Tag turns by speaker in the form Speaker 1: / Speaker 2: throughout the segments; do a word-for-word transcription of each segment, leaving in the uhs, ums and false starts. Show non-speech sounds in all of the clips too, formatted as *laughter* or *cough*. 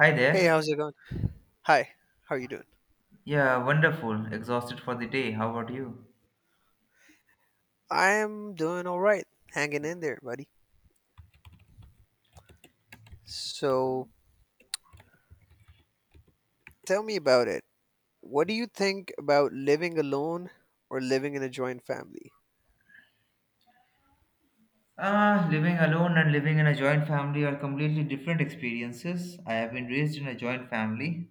Speaker 1: Hi
Speaker 2: Hey, how's
Speaker 1: there.
Speaker 2: it going? Hi, how are you doing?
Speaker 1: Yeah, wonderful. Exhausted for the day. How about you?
Speaker 2: I'm doing all right, hanging in there, buddy. So, tell me about it. What do you think about living alone or living in a joint family?
Speaker 1: Ah, living alone and living in a joint family are completely different experiences. I have been raised in a joint family,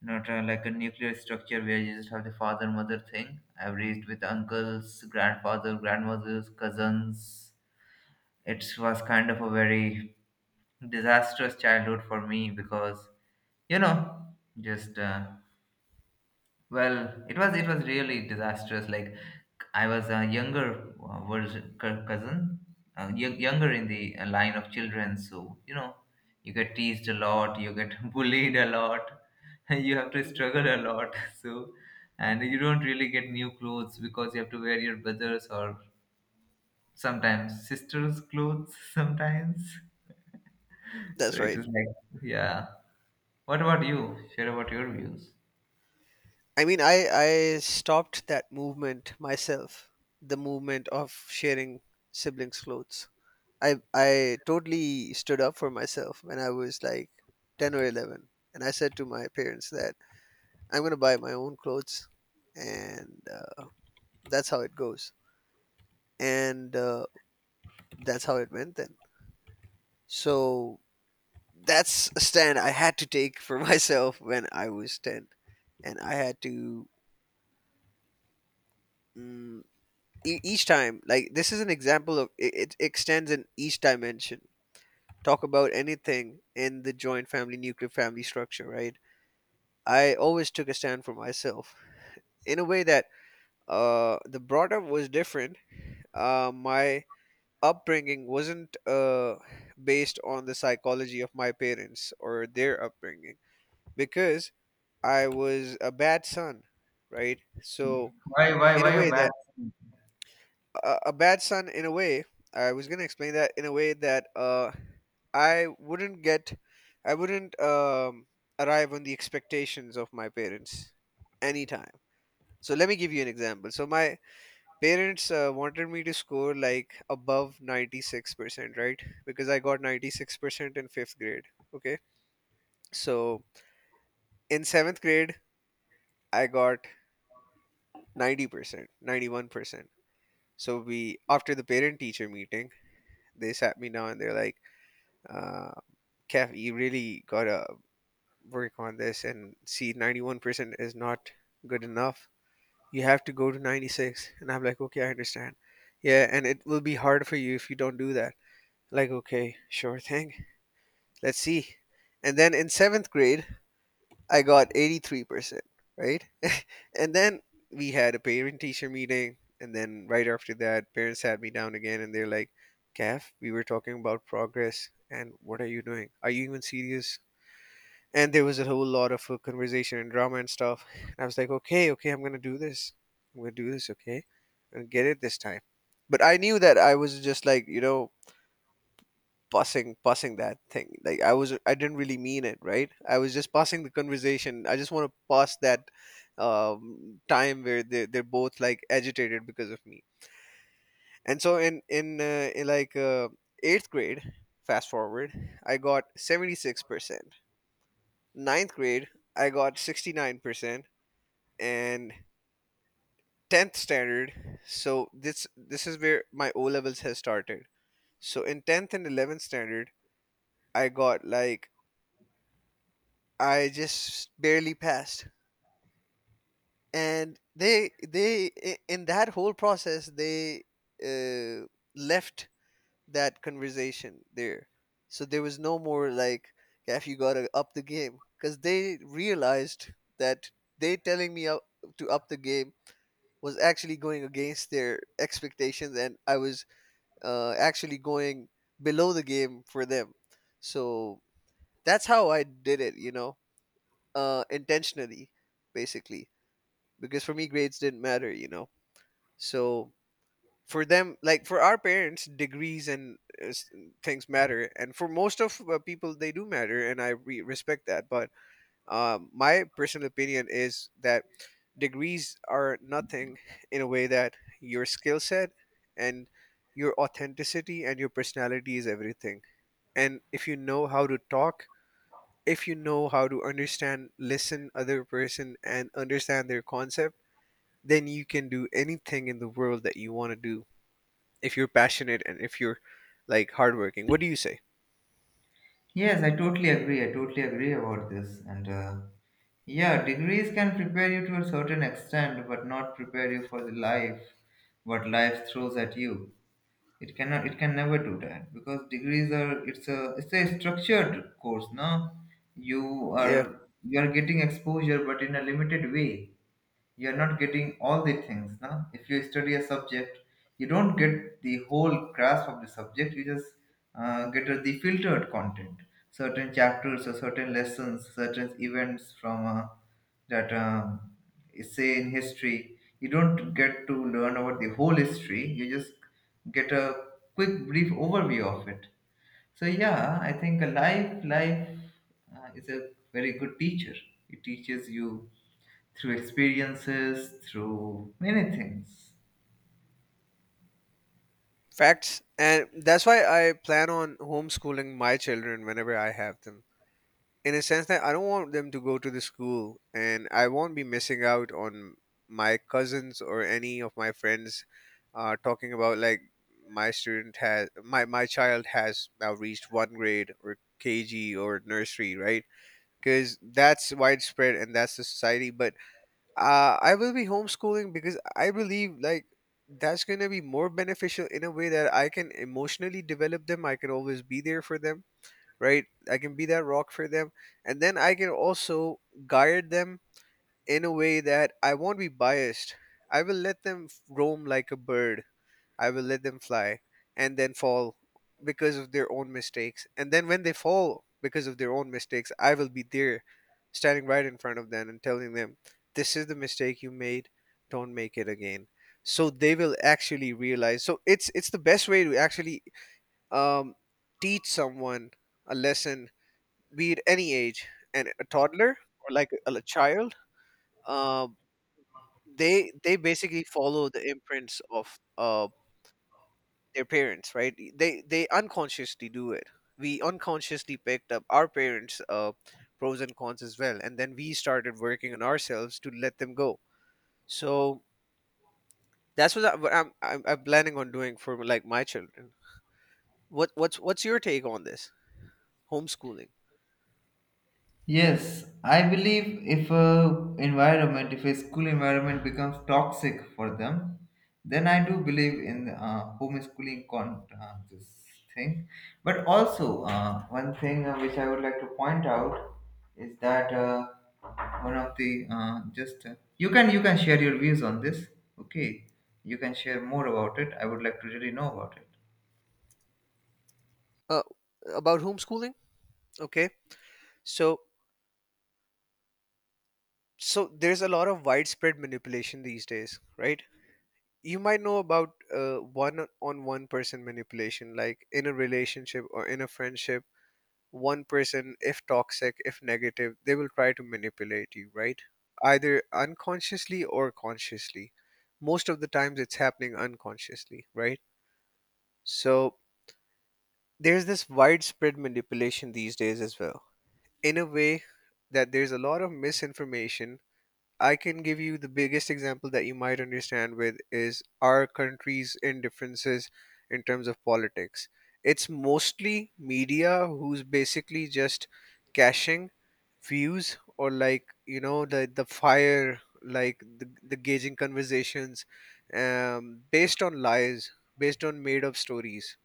Speaker 1: not uh, like a nuclear structure where you just have the father mother thing. I have raised with uncles, grandfather, grandmothers, cousins. It was kind of a very disastrous childhood for me because, you know, just uh, Well, it was it was really disastrous. Like I was a younger uh, version cou- cousin, uh, y- younger in the uh, line of children. So you know, you get teased a lot, you get *laughs* bullied a lot, *laughs* you have to
Speaker 2: Hmm.
Speaker 1: struggle a lot. *laughs* So, and you don't really get new clothes because you have to wear your brothers or sometimes sisters' clothes. *laughs* Sometimes, *laughs* so
Speaker 2: That's
Speaker 1: it
Speaker 2: right.
Speaker 1: is like yeah. What about you? Share about your views.
Speaker 2: I mean, I I stopped that movement myself, the movement of sharing siblings' clothes. I I totally stood up for myself when I was like ten or eleven, and I said to my parents that I'm going to buy my own clothes and uh, that's how it goes. And uh, that's how it went then. So that's a stand I had to take for *laughs* myself when I was ten. And I had to, mm, e- each time, like, this is an example of it, it extends in each dimension. Talk about anything in the joint family, nuclear family structure, right? I always took a stand for myself in a way that uh, the brought up was different. Uh, my upbringing wasn't uh, based on the psychology of my parents or their upbringing because I was a bad son, right? So
Speaker 1: Why why
Speaker 2: in
Speaker 1: why
Speaker 2: a
Speaker 1: a
Speaker 2: way
Speaker 1: bad?
Speaker 2: that a, a bad son, in a way, I was gonna explain that in a way that uh, I wouldn't get, I wouldn't um, arrive on the expectations of my parents anytime. So let me give you an example. So my Parents uh, wanted me to score like above ninety-six percent, right? Because I got ninety-six percent in fifth grade. Okay. So in seventh grade, I got ninety percent, ninety-one percent. So we, after the parent teacher meeting, they sat me down and they're like, uh, Kev, you really gotta work on this, and see, ninety-one percent is not good enough. You have to go to ninety-six. And I'm like, okay, I understand. Yeah, and it will be hard for you if you don't do that. Like, okay, sure thing. Let's see. And then in seventh grade, I got eighty-three percent, right? And then we had a parent teacher meeting. And then right after that, parents sat me down again and they're like, Kath, we were talking about progress. And what are you doing? Are you even serious? And there was a whole lot of uh, conversation and drama and stuff. And I was like, okay, okay, I'm going to do this. I'm going to do this, okay? And get it this time. But I knew that I was just like, you know, passing passing that thing, like i was I didn't really mean it, right? I was just passing the conversation. I just want to pass that um, time where they, they're both like agitated because of me. And so in in, uh, in like uh, eighth grade, fast forward, I got seventy-six percent. Ninth grade, I got sixty-nine percent. And tenth standard, so this this is where my O levels has started. So in tenth and eleventh standard, I got like I just barely passed. And they they i- in that whole process, they uh, left that conversation there. So there was no more like, Gaff, you gotta up the game, because they realized that they telling me up, to up the game was actually going against their expectations, and I was uh, actually going below the game for them. So that's how I did it, you know, uh, intentionally, basically, because for me grades didn't matter you know So for them, like for our parents, degrees and uh, s- things matter, and for most of uh, people they do matter, and i re- respect that, but um, my personal opinion is that degrees are nothing, in a way that your skill set and your authenticity and your personality is everything, and if you know how to talk, if you know how to understand, listen other person and understand their concept, then you can do anything in the world that you want to do if you're passionate and if you're like hardworking. What do you say?
Speaker 1: Yes, I totally agree. I totally agree about this. And uh, yeah, degrees can prepare you to a certain extent, but not prepare you for the life what life throws at you. It cannot. It can never do that because degrees are. It's a. It's a structured course. No, you
Speaker 2: Yeah,
Speaker 1: are. You are getting exposure, but in a limited way you are not getting all the things. Now if you study a subject you don't get the whole grasp of the subject, you just uh, get a- the filtered content, certain chapters or certain lessons, certain events from uh, that um, say in history. You don't get to learn about the whole history, you just get a quick brief overview of it. So yeah, I think a life life uh, is a very good teacher. It teaches you through experiences, through many things.
Speaker 2: facts. And that's why I plan on homeschooling my children whenever I have them. In a sense that I don't want them to go to the school, and I won't be missing out on my cousins or any of my friends uh, talking about, like, my student has my, my child has now reached one grade or K G or nursery, right? Because that's widespread and that's the society. But uh, I will be homeschooling because I believe, like, that's going to be more beneficial, in a way that I can emotionally develop them. I can always be there for them, right? I can be that rock for them, and then I can also guide them in a way that I won't be biased. I will let them f- roam like a bird. I will let them fly, and then fall because of their own mistakes. And then when they fall because of their own mistakes, I will be there standing right in front of them and telling them, this is the mistake you made. Don't make it again. So they will actually realize. So it's it's the best way to actually um, teach someone a lesson, be it any age, and a toddler or like a, a child. um, they they basically follow the imprints of uh, their parents, right? They they unconsciously do it. We unconsciously picked up our parents' uh, pros and cons as well, and then we started working on ourselves to let them go. So that's what, I, what I'm, I'm I'm planning on doing for, like, my children. What what's what's your take on this homeschooling?
Speaker 1: Yes, I believe if a environment, if a school environment becomes toxic for them, then I do believe in uh, homeschooling con uh, this thing. But also, uh, one thing uh, which I would like to point out is that uh, one of the uh, just uh, you can you can share your views on this. Okay, you can share more about it. I would like to really know about it.
Speaker 2: Uh, about homeschooling? Okay, so so there's a lot of widespread manipulation these days, right? You might know about uh, one on one person manipulation, like in a relationship or in a friendship. One person, if toxic, if negative, they will try to manipulate you, right? Either unconsciously or consciously. Most of the times it's happening unconsciously, right? So there's this widespread manipulation these days as well, in a way that there's a lot of misinformation. I can give you the biggest example that you might understand with is our country's indifferences in terms of politics. It's mostly media who's basically just cashing views, or like you know the the fire, like the, the gauging conversations um, based on lies, based on made up stories,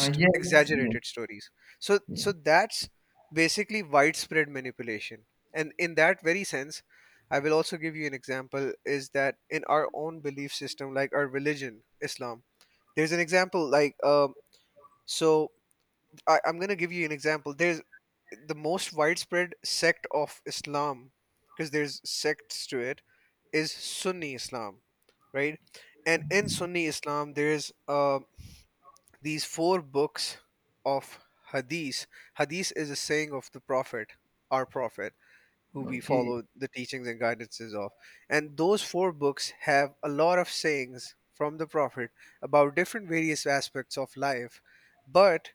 Speaker 1: Uh, yes, yes,
Speaker 2: exaggerated stories. So
Speaker 1: yes.
Speaker 2: so that's basically widespread manipulation, and in that very sense I will also give you an example is that in our own belief system, like our religion, Islam, there's an example, like, um, so I, I'm going to give you an example. There's the most widespread sect of Islam, because there's sects to it, is Sunni Islam, right? And in Sunni Islam, there's uh, these four books of Hadith. Hadith is a saying of the Prophet, our Prophet, who we
Speaker 1: Okay.
Speaker 2: follow the teachings and guidances of. And those four books have a lot of sayings from the Prophet about different various aspects of life. But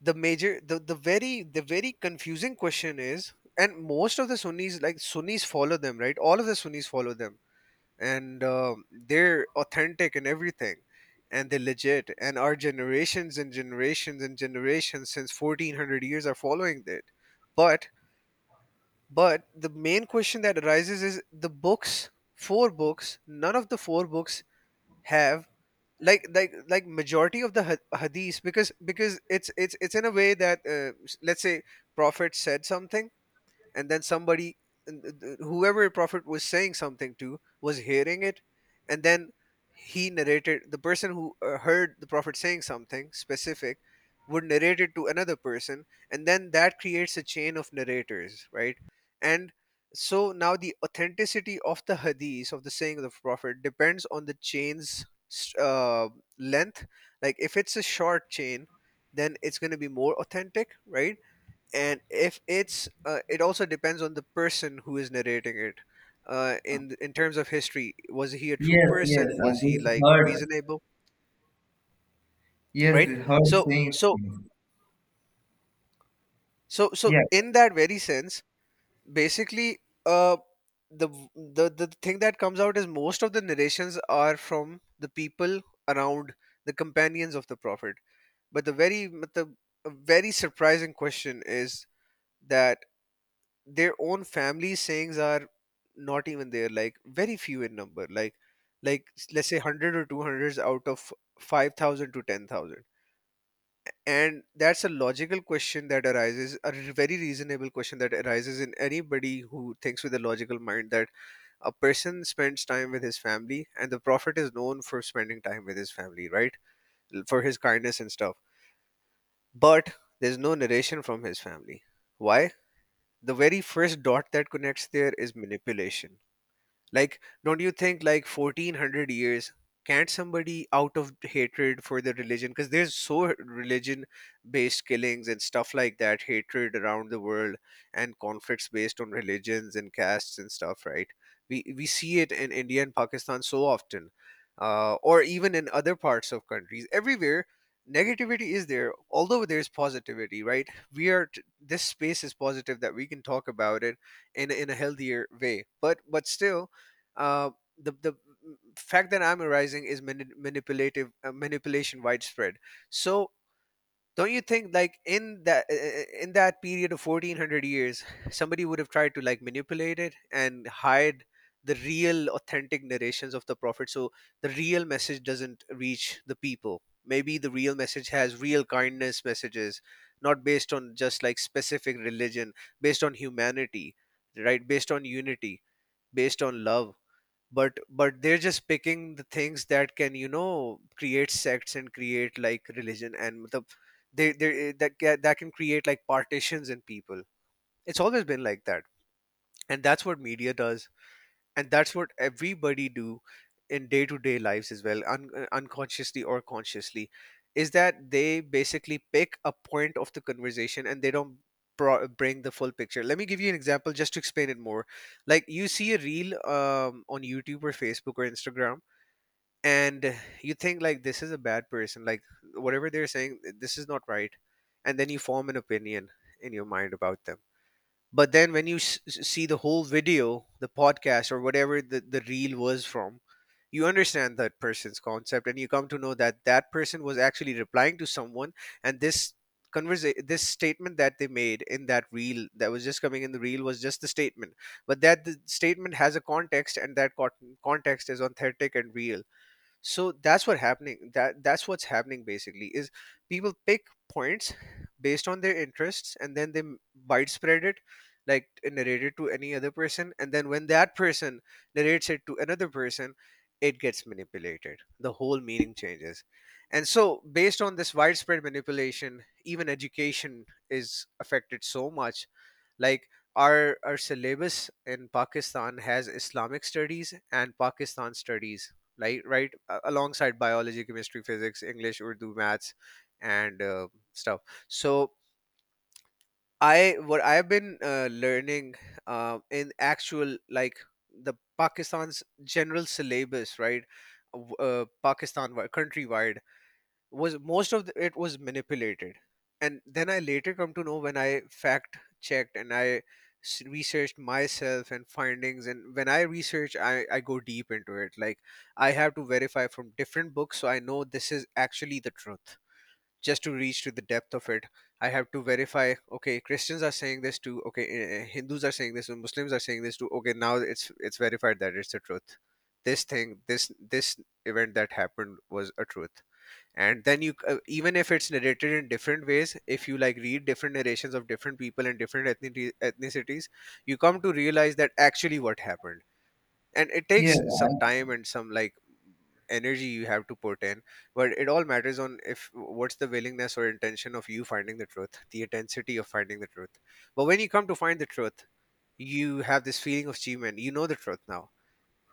Speaker 2: the major the, the very the very confusing question is, and most of the Sunnis, like Sunnis, follow them, right? All of the Sunnis follow them. And um, they're authentic and everything. And they're legit. And our generations and generations and generations since fourteen hundred years are following it. But but the main question that arises is the books, four books, none of the four books have like like like majority of the ha- hadith, because because it's it's it's in a way that uh, s- let's say prophet said something, and then somebody, whoever prophet was saying something to, was hearing it, and then he narrated, the person who uh, heard the prophet saying something specific would narrate it to another person, and then that creates a chain of narrators, right? And so now the authenticity of the hadith, of the saying of the prophet, depends on the chain's uh, length. Like, if it's a short chain, then it's going to be more authentic, right? And if it's uh, it also depends on the person who is narrating it, uh, in in terms of history, was he a true
Speaker 1: Yes, yes.
Speaker 2: person, was
Speaker 1: I
Speaker 2: he,
Speaker 1: just
Speaker 2: like,
Speaker 1: heard.
Speaker 2: reasonable,
Speaker 1: Yes,
Speaker 2: right?
Speaker 1: the hurt
Speaker 2: So
Speaker 1: saying
Speaker 2: so
Speaker 1: things.
Speaker 2: so so
Speaker 1: Yeah,
Speaker 2: in that very sense, basically, uh the the the thing that comes out is most of the narrations are from the people around the companions of the prophet. But the very but the a very surprising question is that their own family sayings are not even there, like very few in number, like like let's say a hundred or two hundreds out of five thousand to ten thousand. And that's a logical question that arises, a r- very reasonable question that arises in anybody who thinks with a logical mind, that a person spends time with his family and the prophet is known for spending time with his family, right? L- for his kindness and stuff. But there's no narration from his family. Why? The very first dot that connects there is manipulation. Like, don't you think, like, fourteen hundred years? Can't somebody out of hatred for the religion? Because there's so religion based killings and stuff like that, hatred around the world, and conflicts based on religions and castes and stuff, right? We, we see it in India and Pakistan so often, uh, or even in other parts of countries. Everywhere, negativity is there, although there's positivity, right? We are, t- this space is positive that we can talk about it in in a healthier way, but but still, uh, the the mm, fact that I'm arising is mani- manipulative, uh, manipulation widespread. So don't you think like in that uh, uh, in that period of fourteen hundred years, somebody would have tried to like manipulate it and hide the real authentic narrations of the prophet, so the real message doesn't reach the people? Maybe the real message has real kindness messages, not based on just like specific religion, based on humanity, right? Based on unity, based on love, but but they're just picking the things that can, you know, create sects and create like religion, and the they they that ca- that can create like partitions in people. It's always been like that, and that's what media does, and that's what everybody do in day-to-day lives as well, un- uh, unconsciously or consciously, is that they basically pick a point of the conversation and they don't pro- bring the full picture. Let me give you an example just to explain it more. Like, you see a reel um, on YouTube or Facebook or Instagram, and you think like this is a bad person, like whatever they're saying this is not right, and then you form an opinion in your mind about them. But then when you s- s- see the whole video, the podcast or whatever the, the reel was from, you understand that person's concept and you come to know that that person was actually replying to someone, and this conversa this statement that they made in that reel, that was just coming in the reel, was just the statement. But that the statement has a context, and that con- context is authentic and real. So that's what happening, that that's what's happening basically is people pick points based on their interests, and then they m- widespread it, like t- narrate it to any other person, and then when that person narrates it to another person, it gets manipulated, the whole meaning changes. And so based on this widespread manipulation, even education is affected so much. Like, our our syllabus in Pakistan has Islamic studies and Pakistan studies, like, right, a- alongside biology, chemistry, physics, English, Urdu, maths, and uh, stuff. So I what I've been uh, learning, uh, in actual, like the Pakistan's general syllabus, right, w- uh, Pakistan wi- countrywide, was most of the, it was manipulated. And then I later come to know when I fact checked and I s- researched myself and findings, and when I research, I, I go deep into it. Like, I have to verify from different books, so I know this is actually the truth. Just to reach to the depth of it, I have to verify, okay, Christians are saying this too, okay, eh, eh, Hindus are saying this and Muslims are saying this too, okay, now it's it's verified that it's the truth. This thing, this this event that happened was a truth. And then you, uh, even if it's narrated in different ways, if you like read different narrations of different people and different ethnicity, ethnicities, you come to realize that actually what happened. And it
Speaker 1: yeah,
Speaker 2: takes some time and some like energy, you have to put in. But it all matters on if what's the willingness or intention of you finding the truth, the intensity of finding the truth. But when you come to find the truth, you have this feeling of achievement, you know the truth now.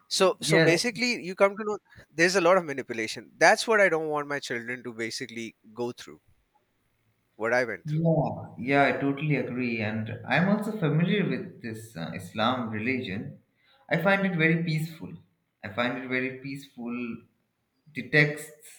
Speaker 2: So, so
Speaker 1: yes,
Speaker 2: basically, you come to know there's a lot of manipulation. That's what I don't want my children to basically go through what I went through.
Speaker 1: yeah, yeah, I totally agree. And I'm also familiar with this uh, Islam religion. I find it very peaceful. I find it very peaceful, the texts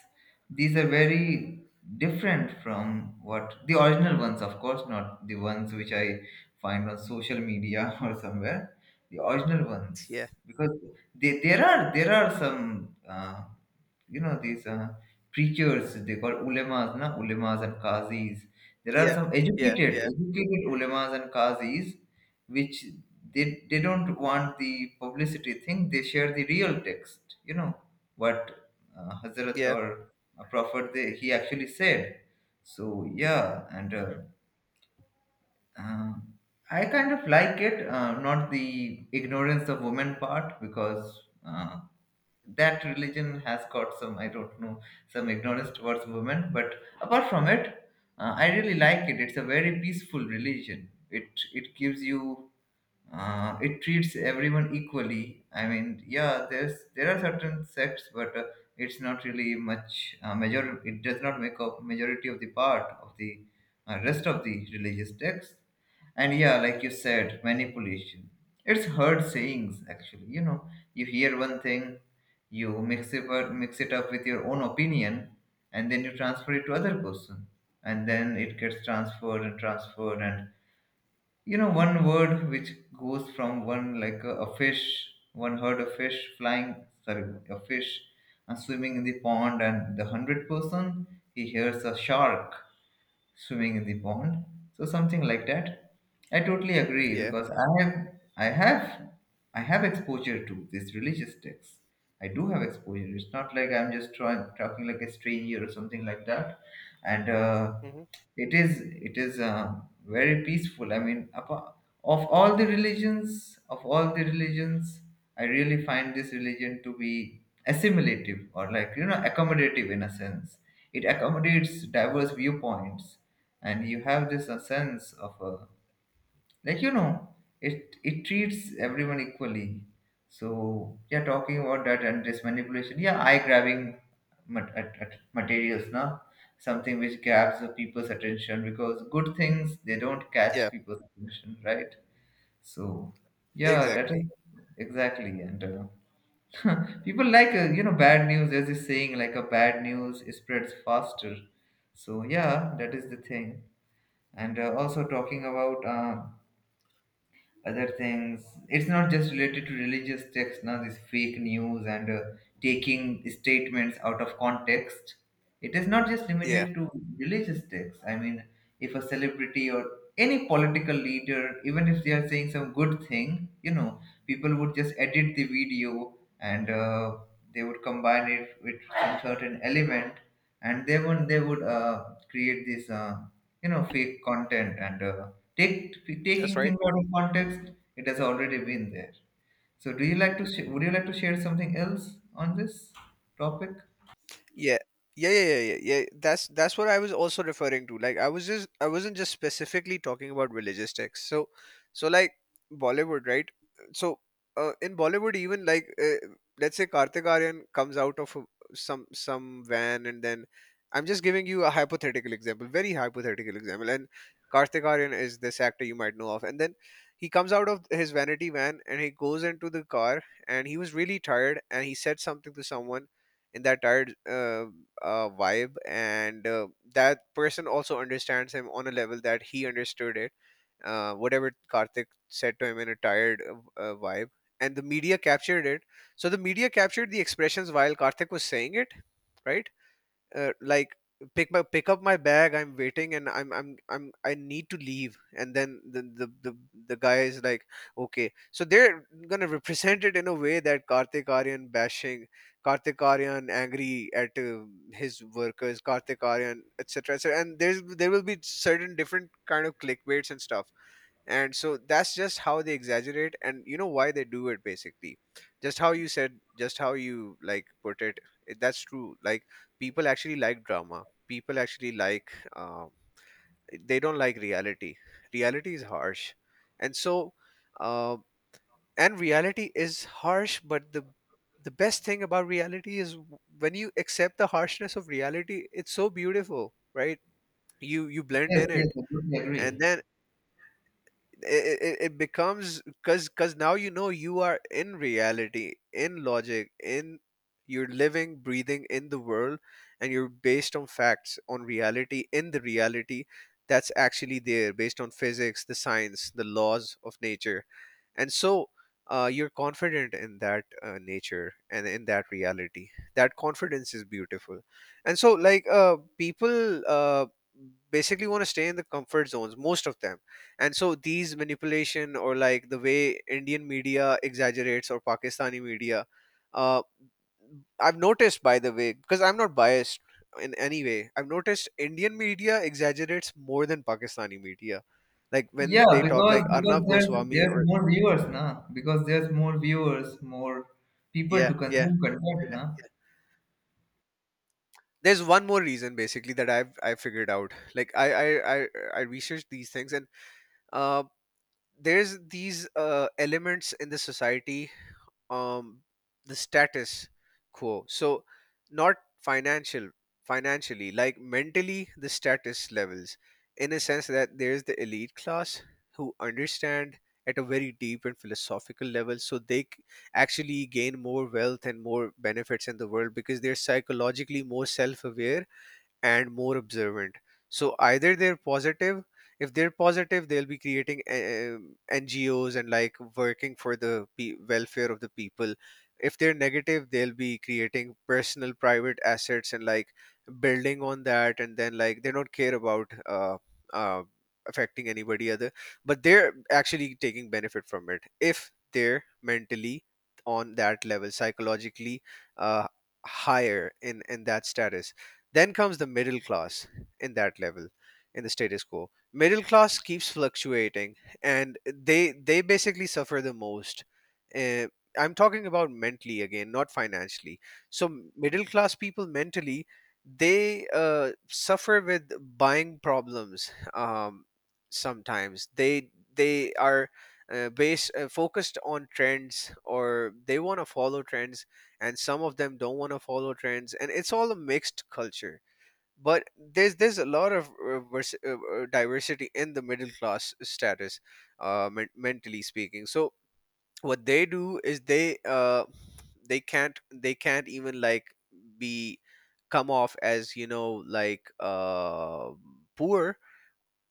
Speaker 1: these are very different from what the original ones, of course not the ones which I find on social media *laughs* or somewhere, the original ones.
Speaker 2: Yeah.
Speaker 1: Because they, there are there are some uh, you know these uh, preachers, they call ulemas, na, ulemas and qazis. There are
Speaker 2: Yeah.
Speaker 1: some
Speaker 2: Yeah.
Speaker 1: educated
Speaker 2: Yeah.
Speaker 1: educated ulemas and qazis which they, they don't want the publicity thing, they share the real text, you know what, uh, hazrat
Speaker 2: Yeah.
Speaker 1: or a prophet they, he actually said. So yeah. And uh,
Speaker 2: Hmm.
Speaker 1: uh, I kind of like it, uh, not the ignorance of women part. Because uh, that religion has got some, I don't know, some ignorance towards women, but apart from it, uh, I really like it. It's a very peaceful religion, it it gives you, uh, it treats everyone equally. I mean yeah, there's there are certain sects, but uh, it's not really much uh, major. It does not make up majority of the part of the uh, rest of the religious text. And yeah, like you said, manipulation. It's hard sayings actually. You know, you hear one thing, you mix it up, mix it up with your own opinion, and then you transfer it to other person, and then it gets transferred and transferred, and you know, one word which goes from one like a, a fish, one herd of fish flying, sorry, a fish, and swimming in the pond, and the hundred person he hears a shark swimming in the pond, so something like that. I totally agree
Speaker 2: Yeah.
Speaker 1: because I have, I have, I have exposure to these religious texts. I do have exposure, it's not like I'm just trying talking like a stranger or something like that. And uh,
Speaker 2: Hmm.
Speaker 1: it is it is uh, very peaceful. I mean apa- of all the religions, of all the religions I really find this religion to be assimilative or like, you know, accommodative in a sense. It accommodates diverse viewpoints, and you have this a sense of a, like, you know, it it treats everyone equally. So yeah, talking about that and this manipulation, yeah, eye grabbing mat- at, at materials now, something which grabs the people's attention, because good things they don't catch
Speaker 2: Yeah.
Speaker 1: people's attention, right? So yeah, that is
Speaker 2: Exactly.
Speaker 1: exactly. And Uh, *laughs* people like, uh, you know, bad news, as is saying, like a bad news spreads faster. So yeah, that is the thing. And uh, also talking about uh, other things, it's not just related to religious texts. Now this fake news and uh, taking statements out of context, it is not just
Speaker 2: Yeah.
Speaker 1: limited to religious texts. I mean if a celebrity or any political leader, even if they are saying some good thing, you know, people would just edit the video, and uh, they would combine it with some certain element, and they would they would uh, create this uh, you know fake content. And uh, Take,
Speaker 2: That's
Speaker 1: taking
Speaker 2: right.
Speaker 1: things out of context, it has already been there. So do you like to sh- would you like to share something else on this topic?
Speaker 2: Yeah. Yeah, yeah, yeah, yeah, yeah. That's that's what I was also referring to. Like, I was just, I wasn't just specifically talking about religious texts. So, so like Bollywood, right? So, uh, in Bollywood, even like, uh, let's say Kartik Aaryan comes out of a- some some van and then, I'm just giving you a hypothetical example, very hypothetical example. And Kartik Aaryan is this actor, you might know of. And then he comes out of his vanity van and he goes into the car, and he was really tired and he said something to someone in that tired uh, uh, vibe. And uh, that person also understands him on a level that he understood it, uh, whatever Karthik said to him in a tired uh, uh, vibe. And the media captured it. So the media captured the expressions while Karthik was saying it, right? uh, like, pick my, pick up my bag, I'm waiting and i'm i'm, I'm, I need to leave. And then the, the the the guy is like, okay. So they're gonna represent it in a way that Kartik aryan bashing, Kartik aryan angry at uh, his workers, Kartik aryan etc., etc. And there's there will be certain different kind of clickbaits and stuff. And so that's just how they exaggerate, and you know why they do it basically. Just how you said, just how you like put it, it- that's true. Like, people actually like drama, people actually like, um, they don't like reality. Reality is harsh. And so, uh, and reality is harsh, but the the best thing about reality is w- when you accept the harshness of reality, it's so beautiful, right? you you blend
Speaker 1: Yes,
Speaker 2: in it.
Speaker 1: yes, I totally
Speaker 2: And
Speaker 1: agree.
Speaker 2: then it, it it becomes, because because now you know you are in reality, in logic, in, you're living, breathing in the world, and you're based on facts, on reality, in the reality that's actually there, based on physics, the science, the laws of nature. And so, uh, you're confident in that uh, nature and in that reality. That confidence is beautiful. And so, like, uh, people, uh, basically want to stay in the comfort zones, most of them. And so these manipulation, or like the way Indian media exaggerates or Pakistani media, uh, I've noticed, by the way, because I'm not biased in any way. I've noticed Indian media exaggerates more than Pakistani media. Like
Speaker 1: Yeah,
Speaker 2: when they talk
Speaker 1: because
Speaker 2: like
Speaker 1: because
Speaker 2: Arnab
Speaker 1: there's
Speaker 2: Goswami
Speaker 1: there's
Speaker 2: or,
Speaker 1: more viewers now. Because there's more viewers, more people
Speaker 2: yeah,
Speaker 1: to
Speaker 2: yeah,
Speaker 1: consume content
Speaker 2: yeah.
Speaker 1: now.
Speaker 2: There's one more reason basically that I've I figured out. Like, I I I, I researched these things, and uh, there's these uh, elements in the society, um the status quo. So not financial, financially, like mentally, the status levels, in a sense that there is the elite class who understand at a very deep and philosophical level, so they c- actually gain more wealth and more benefits in the world because they're psychologically more self-aware and more observant. So either they're positive, if they're positive, they'll be creating um, N G Os and like working for the pe- welfare of the people. If they're negative, they'll be creating personal private assets and like building on that, and then like they don't care about uh, uh, affecting anybody other, but they're actually taking benefit from it if they're mentally on that level, psychologically uh, higher in in that status. Then comes the middle class, in that level, in the status quo. Middle class keeps fluctuating, and they they basically suffer the most. Uh, I'm talking about mentally again, not financially. So middle class people, mentally, they, uh, suffer with buying problems. Um, sometimes they they are, uh, based uh, focused on trends, or they want to follow trends, and some of them don't want to follow trends, and it's all a mixed culture. But there's there's a lot of uh, vers- uh, uh, diversity in the middle class status, uh, men- mentally speaking. So what they do is they, uh, they can't they can't even like be, come off as, you know, like uh poor,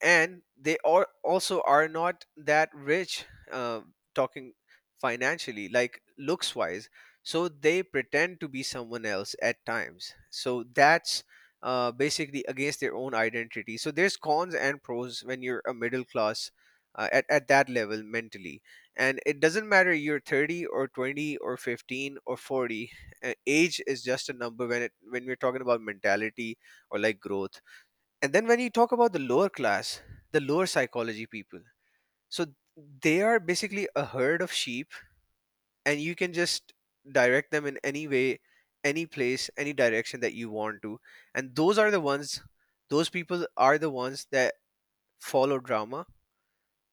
Speaker 2: and they are also are not that rich. um, talking financially, like looks wise. So they pretend to be someone else at times, so that's uh, basically against their own identity. So there's cons and pros when you're a middle class uh, at, at that level mentally. And it doesn't matter you're thirty or twenty or fifteen or forty, uh, age is just a number when it when we're talking about mentality or like growth. And then when you talk about the lower class, the lower psychology people, so they are basically a herd of sheep, and you can just direct them in any way, any place, any direction that you want to. And those are the ones, those people are the ones that follow drama,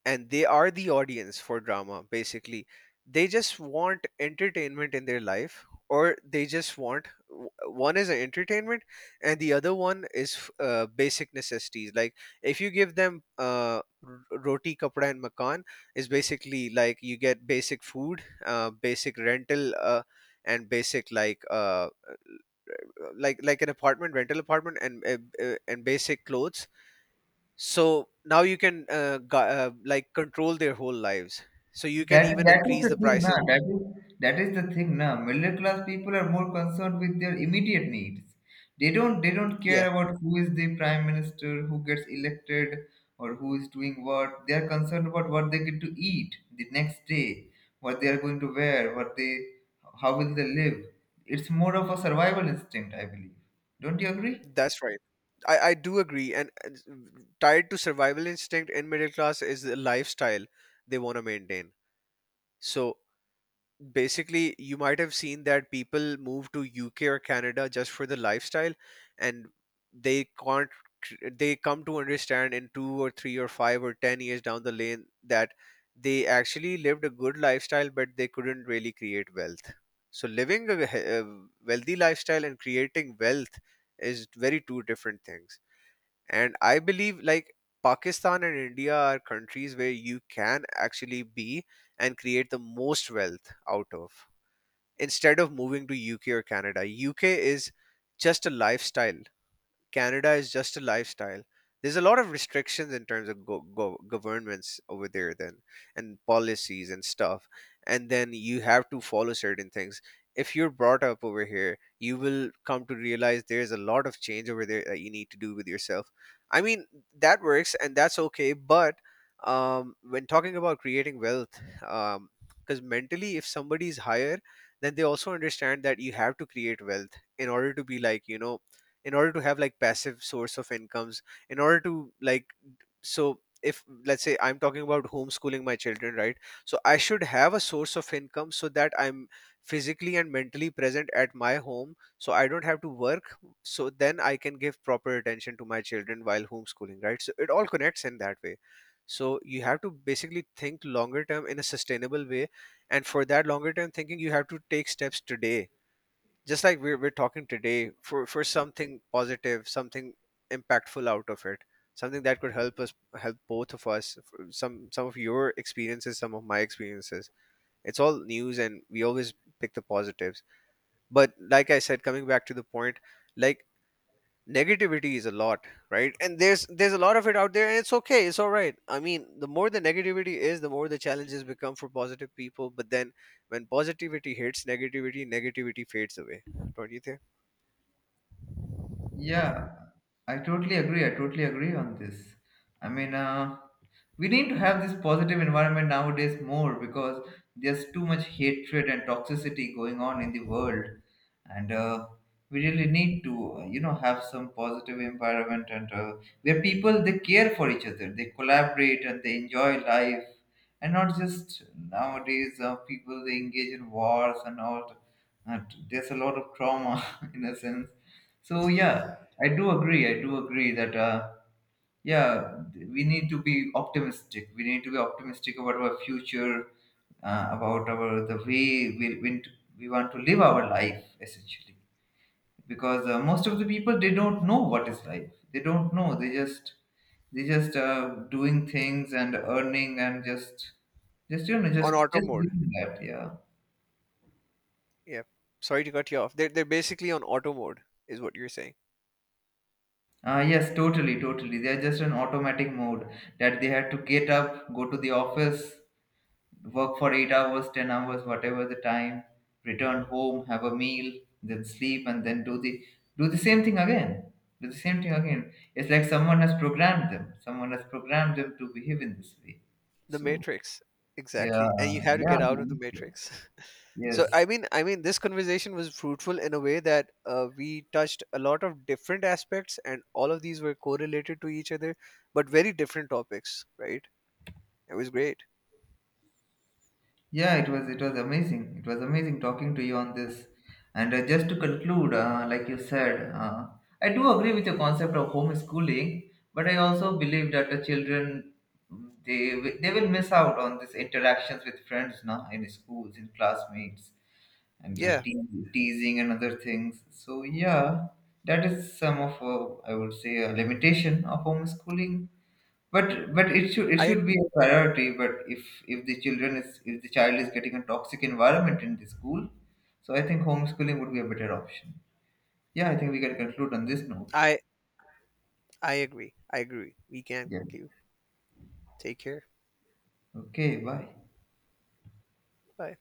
Speaker 2: and they are the audience for drama basically. They just want entertainment in their life, or they just want w- one is entertainment and the other one is uh, basic necessities, like if you give them uh, r- roti kapda and makan, is basically like you get basic food, uh, basic rental, uh, and basic like uh, like like an apartment, rental apartment, and uh, uh, and basic clothes. So now you can uh, gu- uh, like control their whole lives, so you can
Speaker 1: That
Speaker 2: even
Speaker 1: that is
Speaker 2: increase
Speaker 1: the
Speaker 2: the
Speaker 1: thing, na.
Speaker 2: prices.
Speaker 1: That is that is the thing, na. Middle class people are more concerned with their immediate needs. They don't they don't care
Speaker 2: Yeah,
Speaker 1: about who is the prime minister, who gets elected, or who is doing what. They are concerned about what they get to eat the next day, what they are going to wear, what they, how will they live. It's more of a survival instinct, I believe. Don't you agree?
Speaker 2: that's right. I, I do agree, and and tied to survival instinct in middle class is the lifestyle they want to maintain. So basically you might have seen that people move to U K or Canada just for the lifestyle, and they can't cr- they come to understand in two or three or five or ten years down the lane that they actually lived a good lifestyle but they couldn't really create wealth. So living a, he- a wealthy lifestyle and creating wealth is very two different things. And I believe, like, Pakistan and India are countries where you can actually be and create the most wealth out of, instead of moving to UK or Canada. UK is just a lifestyle. Canada is just a lifestyle. There's a lot of restrictions in terms of go- go- governments over there, then, and policies and stuff. And then you have to follow certain things. If you're brought up over here, you will come to realize there's a lot of change over there that you need to do with yourself. I mean, that works and that's okay. But um, when talking about creating wealth, because mentally, if somebody's higher, then they also understand that you have to create wealth in order to be like, you know, in order to have like passive source of incomes, in order to like, so if let's say I'm talking about homeschooling my children, right, so I should have a source of income so that I'm physically and mentally present at my home so I don't have to work, so then I can give proper attention to my children while homeschooling, right? So it all connects in that way. So you have to basically think longer term in a sustainable way, and for that longer term thinking you have to take steps today. Just like we're, we're talking today for for something positive, something impactful out of it, something that could help us, help both of us, f- some some of your experiences, some of my experiences. It's all news and we always pick the positives. But like I said, coming back to the point, like, negativity is a lot, right? And there's there's a lot of it out there, and it's okay, it's all right. I mean, the more the negativity is, the more the challenges become for positive people. But then when positivity hits negativity, negativity fades away. Don't you think?
Speaker 1: Yeah, I totally agree. I totally agree on this. I mean, uh, we need to have this positive environment nowadays more because there's too much hatred and toxicity going on in the world, and uh, we really need to, uh, you know, have some positive environment, and uh, where people they care for each other, they collaborate and they enjoy life, and not just nowadays uh, people they engage in wars and all. And there's a lot of trauma *laughs* in a sense. So
Speaker 2: *laughs*
Speaker 1: yeah, I do agree. I do agree that uh, yeah, we need to be optimistic. We need to be optimistic about our future, uh, about our the way we we, we want to live our life essentially. Because uh, most of the people they don't know what is life. They don't know. They just they just uh, doing things and earning, and just just you know just
Speaker 2: On auto
Speaker 1: just
Speaker 2: mode.
Speaker 1: living that, yeah.
Speaker 2: Yeah. Sorry to cut you off. They're they're basically on auto mode, is what you're saying.
Speaker 1: Uh, yes, totally, totally. They are just an automatic mode that they had to get up, go to the office, work for eight hours, ten hours, whatever the time, return home, have a meal, then sleep, and then do the, do the same thing again. Do the same thing again. It's like someone has programmed them. Someone has programmed them to behave in this way.
Speaker 2: The
Speaker 1: So
Speaker 2: Matrix,
Speaker 1: yeah,
Speaker 2: exactly. And you have to get out
Speaker 1: yeah,
Speaker 2: of the
Speaker 1: yes,
Speaker 2: Matrix. *laughs* So
Speaker 1: yes.
Speaker 2: I mean, I mean, this conversation was fruitful in a way that uh, we touched a lot of different aspects, and all of these were correlated to each other, but very different topics, right? It was great.
Speaker 1: Yeah, it was it was amazing. It was amazing talking to you on this. And uh, just to conclude, uh, like you said, uh, I do agree with your concept of homeschooling, but I also believe that the children, mm, they wi- they will miss out on these interactions with friends now in schools, in classmates, and the
Speaker 2: Yeah,
Speaker 1: te- teasing and other things. So yeah, that is some of uh, I would say a limitation of homeschooling. But but it should, it
Speaker 2: I
Speaker 1: should be
Speaker 2: agree.
Speaker 1: a priority. But if if the children is, if the child is getting a toxic environment in the school, so I think homeschooling would be a better option. Yeah, I think we can conclude on this note.
Speaker 2: I I agree. I agree. We can
Speaker 1: Yes.
Speaker 2: conclude. Take care.
Speaker 1: Okay. Bye.
Speaker 2: Bye.